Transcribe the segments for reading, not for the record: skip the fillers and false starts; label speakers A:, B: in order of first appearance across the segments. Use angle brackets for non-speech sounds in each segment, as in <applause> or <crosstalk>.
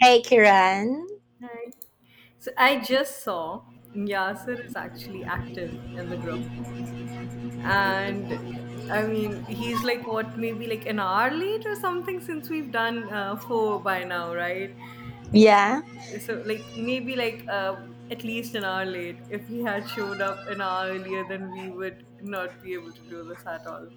A: Hey Kiran.
B: Hi. So I just saw Yasser is actually active in the group. And I mean, he's like, what, maybe like an hour late or something since we've done four by now, right?
A: Yeah.
B: So, like, maybe like at least an hour late. If he had showed up an hour earlier, then we would not be able to do this at all.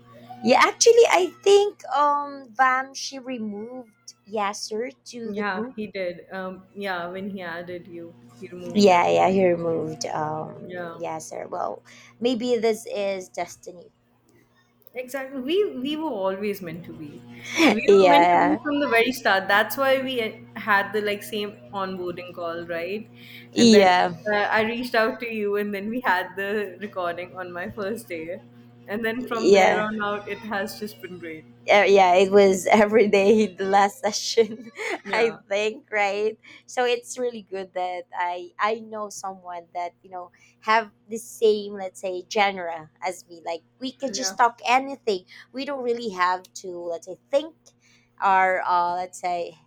A: Yeah, actually I think Vam, she removed Yasser to the
B: Yeah,
A: group.
B: he did. Yeah, when he added you, he removed him.
A: Yeah, yeah, he removed
B: Yeah.
A: Yasser. Well, maybe this is destiny.
B: Exactly. We were always meant to be. We
A: <laughs>
B: were meant to be
A: Yeah.
B: from the very start. That's why we had the like same onboarding call, right? And then
A: Yeah.
B: I reached out to you, and then we had the recording on my first day, and then from there
A: Yeah.
B: on out, it has just been great.
A: Yeah, it was <laughs> every day the last session, <laughs> I
B: Yeah,
A: think, right? So it's really good that I know someone that have the same, let's say, genre as me. Like we can
B: yeah,
A: just talk anything. We don't really have to, let's say, think or let's say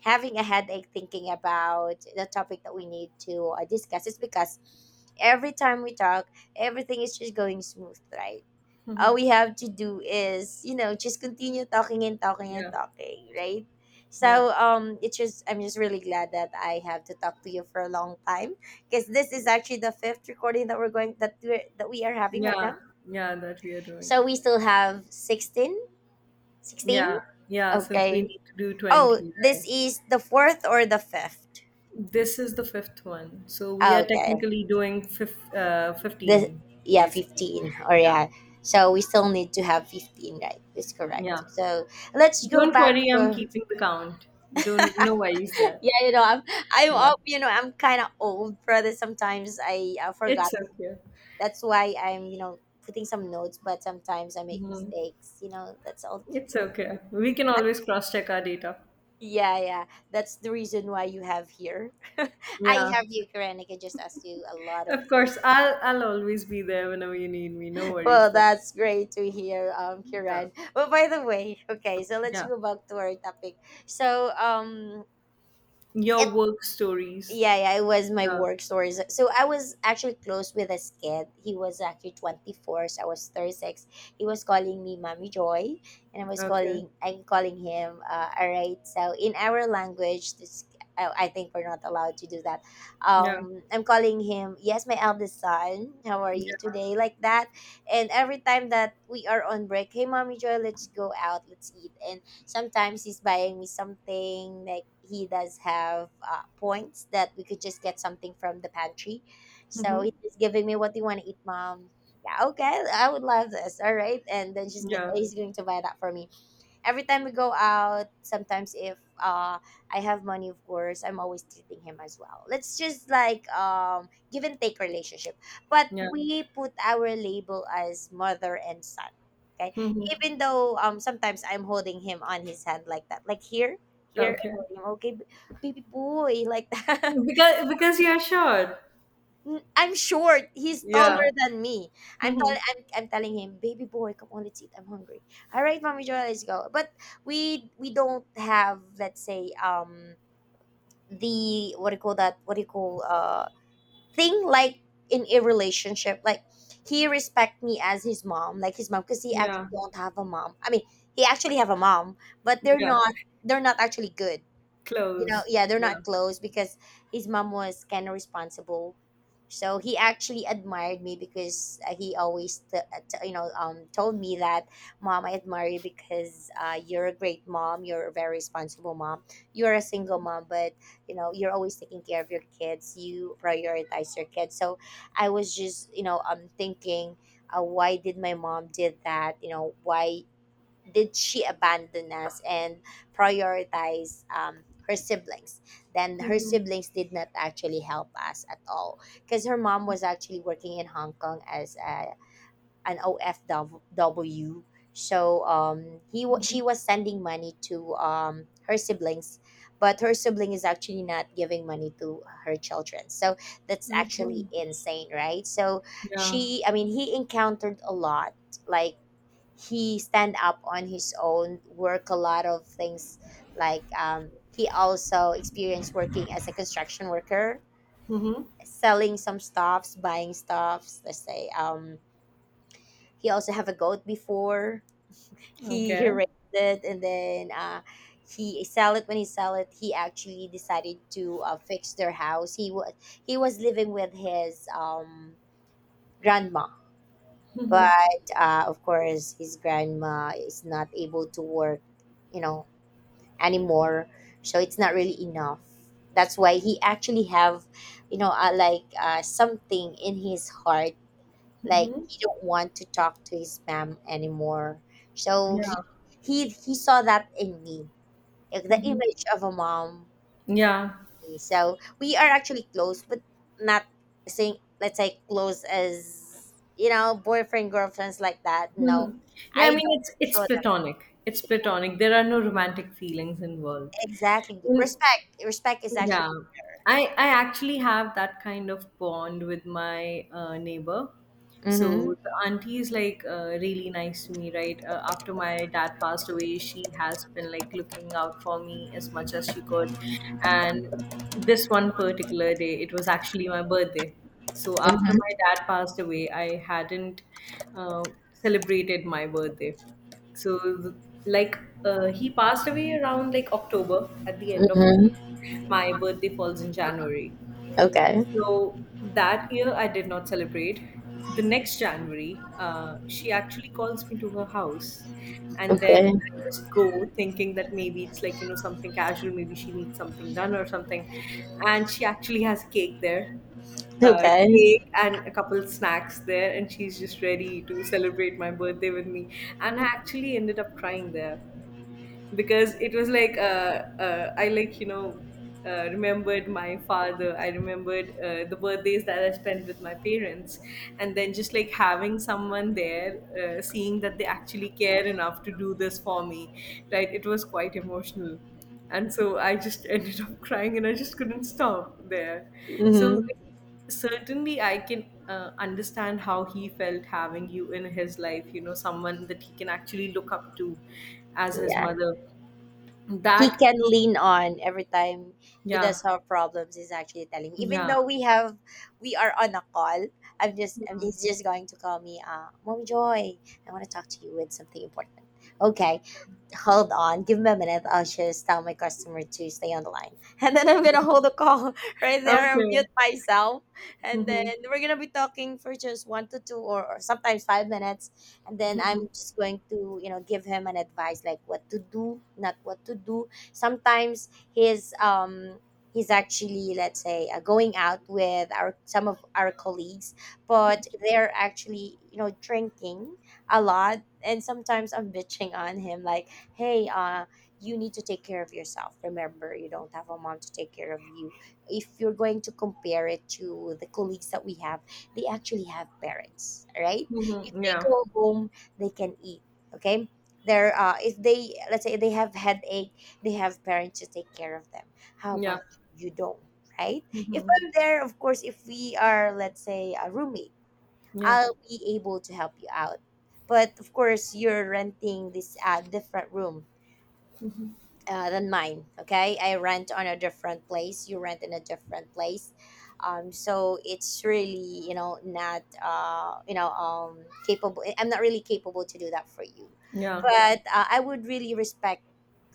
A: having a headache thinking about the topic that we need to discuss. It's because every time we talk, everything is just going smooth, right? All we have to do is just continue talking and talking and
B: yeah,
A: talking, right?
B: yeah,
A: So it's just, I'm just really glad that I have to talk to you for a long time, because this is actually the fifth recording that we're going that we are having right now.
B: yeah, yeah. That we are doing.
A: So we still have sixteen.
B: Yeah, yeah. Since we
A: Okay,
B: need to do
A: oh,
B: 20,
A: this
B: right?
A: is the fourth or the fifth?
B: This is the fifth one. So we are
A: Okay.
B: technically doing
A: The
B: 15,
A: yeah,
B: basically.
A: 15, or
B: Yeah.
A: yeah, so we still need to have 15, right? That's
B: Yeah.
A: correct, so let's go
B: Don't
A: back
B: worry, I'm
A: to.
B: keeping the count. Don't, No worries
A: <laughs>
B: there.
A: Yeah, you know, I'm
B: Yeah.
A: up, you know, I'm kind of old, brother. Sometimes I forgot.
B: It's okay.
A: That's why I'm, you know, putting some notes, but sometimes I make
B: Mhm.
A: mistakes, you know, that's all
B: It's
A: people.
B: okay. We can always cross check our data.
A: Yeah, yeah. That's the reason why you have here. <laughs> I
B: Yeah.
A: have you, Kiran. I can just ask you a lot of
B: Of
A: things.
B: course,
A: <laughs>
B: I'll always be there whenever you need me. No worries
A: Well,
B: there.
A: that's great to hear,
B: Yeah.
A: Kiran. But by the way, okay, so let's
B: Yeah.
A: go back to our topic. So,
B: Your
A: it
B: work stories.
A: yeah, it was my
B: Yeah.
A: work stories. So I was actually close with this kid. He was actually 24, so I was 36. He was calling me Mommy Joy, and I was
B: Okay.
A: calling, I'm calling him, all right. So in our language, this, I think we're not allowed to do that.
B: Yeah.
A: I'm calling him, yes, my eldest son, how are you
B: Yeah.
A: today? Like that. And every time that we are on break, hey, Mommy Joy, let's go out, let's eat. And sometimes he's buying me something, like he does have points that we could just get something from the pantry. So
B: Hmm.
A: he's just giving me, what do you want to eat, mom? Yeah, okay, I would love this. All right, and then
B: Yeah.
A: he's going to buy that for me every time we go out. Sometimes if I have money, of course, I'm always treating him as well. Let's just like, give and take relationship, but
B: Yeah.
A: we put our label as mother and son. Okay.
B: Hmm.
A: Even though sometimes I'm holding him on his hand, like that, like here, here I'm
B: Okay.
A: holding him, okay, baby boy, <laughs> like that.
B: Because you're short.
A: I'm short. He's
B: Yeah.
A: taller than me. I'm,
B: Mhm.
A: I'm telling him, baby boy, come on, let's eat. I'm hungry. All right, mommy Joy, let's go. But we don't have, let's say, the, what do you call that? What do you call thing like in a relationship? Like he respect me as his mom, like his mom, because he actually
B: Yeah.
A: don't have a mom. I mean, he actually have a mom, but they're
B: Yeah.
A: not actually good, you know.
B: Close.
A: Yeah, they're
B: Yeah.
A: not close because his mom was kind of responsible. So he actually admired me because he always t- t- you know told me that, mom, I admire you because you're a great mom, you're a very responsible mom, you're a single mom, but you know you're always taking care of your kids, you prioritize your kids. So I was just, you know, thinking, why did my mom did that, you know, why did she abandon us and prioritize her siblings? Then her
B: Hmm.
A: siblings did not actually help us at all, because her mom was actually working in Hong Kong as an OFW. So she was sending money to her siblings, but her sibling is actually not giving money to her children. So that's actually
B: Okay.
A: insane, right? So
B: Yeah.
A: she I mean he encountered a lot, like he stand up on his own, work a lot of things, like, he also experienced working as a construction worker,
B: Hmm.
A: selling some stuffs, buying stuffs, let's say. He also have a goat before. He
B: Okay.
A: raised it, and then he sell it. When he sell it, he actually decided to fix their house. He was living with his grandma, but of course his grandma is not able to work, you know, anymore. So it's not really enough. That's why he actually have, you know, something in his heart, like he don't want to talk to his mom anymore. So he
B: Yeah.
A: he he saw that in me, like the image of a mom.
B: Yeah.
A: So we are actually close, but not, saying let's say close as, you know, boyfriend girlfriends, like that, no.
B: Mhm. Yeah,
A: I
B: I mean
A: don't
B: it's
A: show
B: it's
A: them.
B: platonic. It's platonic. There are no romantic feelings involved.
A: Exactly,
B: Mm.
A: respect is actually
B: Yeah, I actually have that kind of bond with my neighbor. So
A: mm-hmm.
B: the auntie is like really nice to me, right? After my dad passed away, she has been like looking out for me as much as she could. And this one particular day, it was actually my birthday. So after my dad passed away, I hadn't uh, celebrated my birthday. So, th- like, he passed away around like October, at the end of October.
A: Mhm.
B: My birthday falls in January.
A: Okay.
B: So that year I did not celebrate. The next January, she actually calls me to her house. And then
A: Okay.
B: I just go thinking that maybe it's like, you know, something casual, maybe she needs something done or something. And she actually has cake there,
A: Okay.
B: cake and a couple snacks there. And she's just ready to celebrate my birthday with me. And I actually ended up crying there because it was like I like remembered my father. I remembered the birthdays that I spent with my parents, and then just like having someone there, seeing that they actually care enough to do this for me, right? It was quite emotional. And so I just <laughs> ended up crying and I just couldn't stop there. So
A: Mhm.
B: like, certainly I can understand how he felt having you in his life, you know, someone that he can actually look up to as his
A: Yeah.
B: mother.
A: He
B: That,
A: can lean on every time he
B: yeah,
A: does have problems. He's actually telling me, even
B: yeah.
A: though we have, we are on a call. He's just going to call me. Mommy Joy, I want to talk to you with something important. Okay. Hold on, give me a minute. I'll just tell my customer to stay on the line. <laughs> And then I'm gonna hold the call <laughs> right there and
B: Okay.
A: mute myself. And then
B: Mhm,
A: we're gonna be talking for just one to two, or sometimes 5 minutes. And then I'm just going to, you know, give him an advice, like what to do, not what to do. Sometimes he's actually, let's say, going out with our some of our colleagues, but they're actually, you know, drinking a lot. And sometimes I'm bitching on him, like, hey, you need to take care of yourself. Remember, you don't have a mom to take care of you. If you're going to compare it to the colleagues that we have, they actually have parents, right? If
B: mhm,
A: they
B: yeah,
A: go home, they can eat. Okay, they're, if they, let's say, they have headache, they have parents to take care of them. How
B: yeah,
A: about you? You don't, right? If I'm there, of course, if we are, let's say, a roommate,
B: yeah,
A: I'll be able to help you out. But of course, you're renting this different room, than mine. Okay, I rent on a different place, you rent in a different place, so it's really, you know, not capable. I'm not really capable to do that for you,
B: yeah,
A: but I would really respect.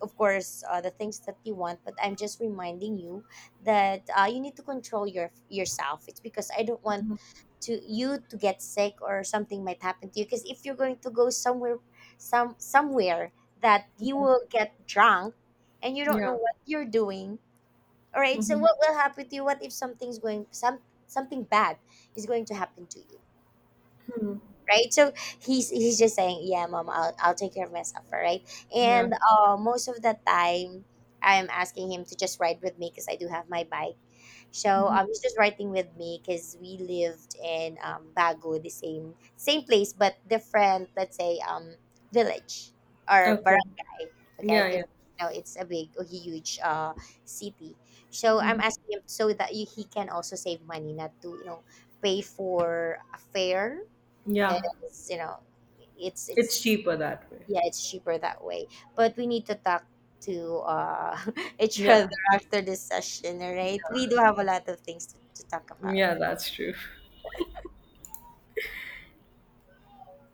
A: Of course, the things that you want, but I'm just reminding you that you need to control your yourself. It's because I don't want to you to get sick, or something might happen to you, because if you're going to go somewhere, somewhere, that you will get drunk, and you don't know
B: yeah,
A: what you're doing. All right, so
B: mhm,
A: what will happen to you? What if something's going something bad is going to happen to you, right? So he's just saying, yeah, mom, I'll take care of myself, all right.
B: yeah.
A: And most of the time I'm asking him to just ride with me, because I do have my bike. So he's just writing with me, because we lived in Bago, the same place but different, let's say, village or
B: Okay.
A: barangay. Okay,
B: Yeah,
A: because
B: yeah,
A: you know it's a huge city. So I'm
B: mhm,
A: asking him, so that he can also save money, not to, you know, pay for a fare,
B: yeah.
A: because you know, it's
B: It's
A: it's
B: cheaper that way.
A: yeah, it's cheaper that way. But we need to talk to, <laughs> each other
B: Yeah,
A: after this session, all right? We do have a lot of things to talk about.
B: yeah, that's true.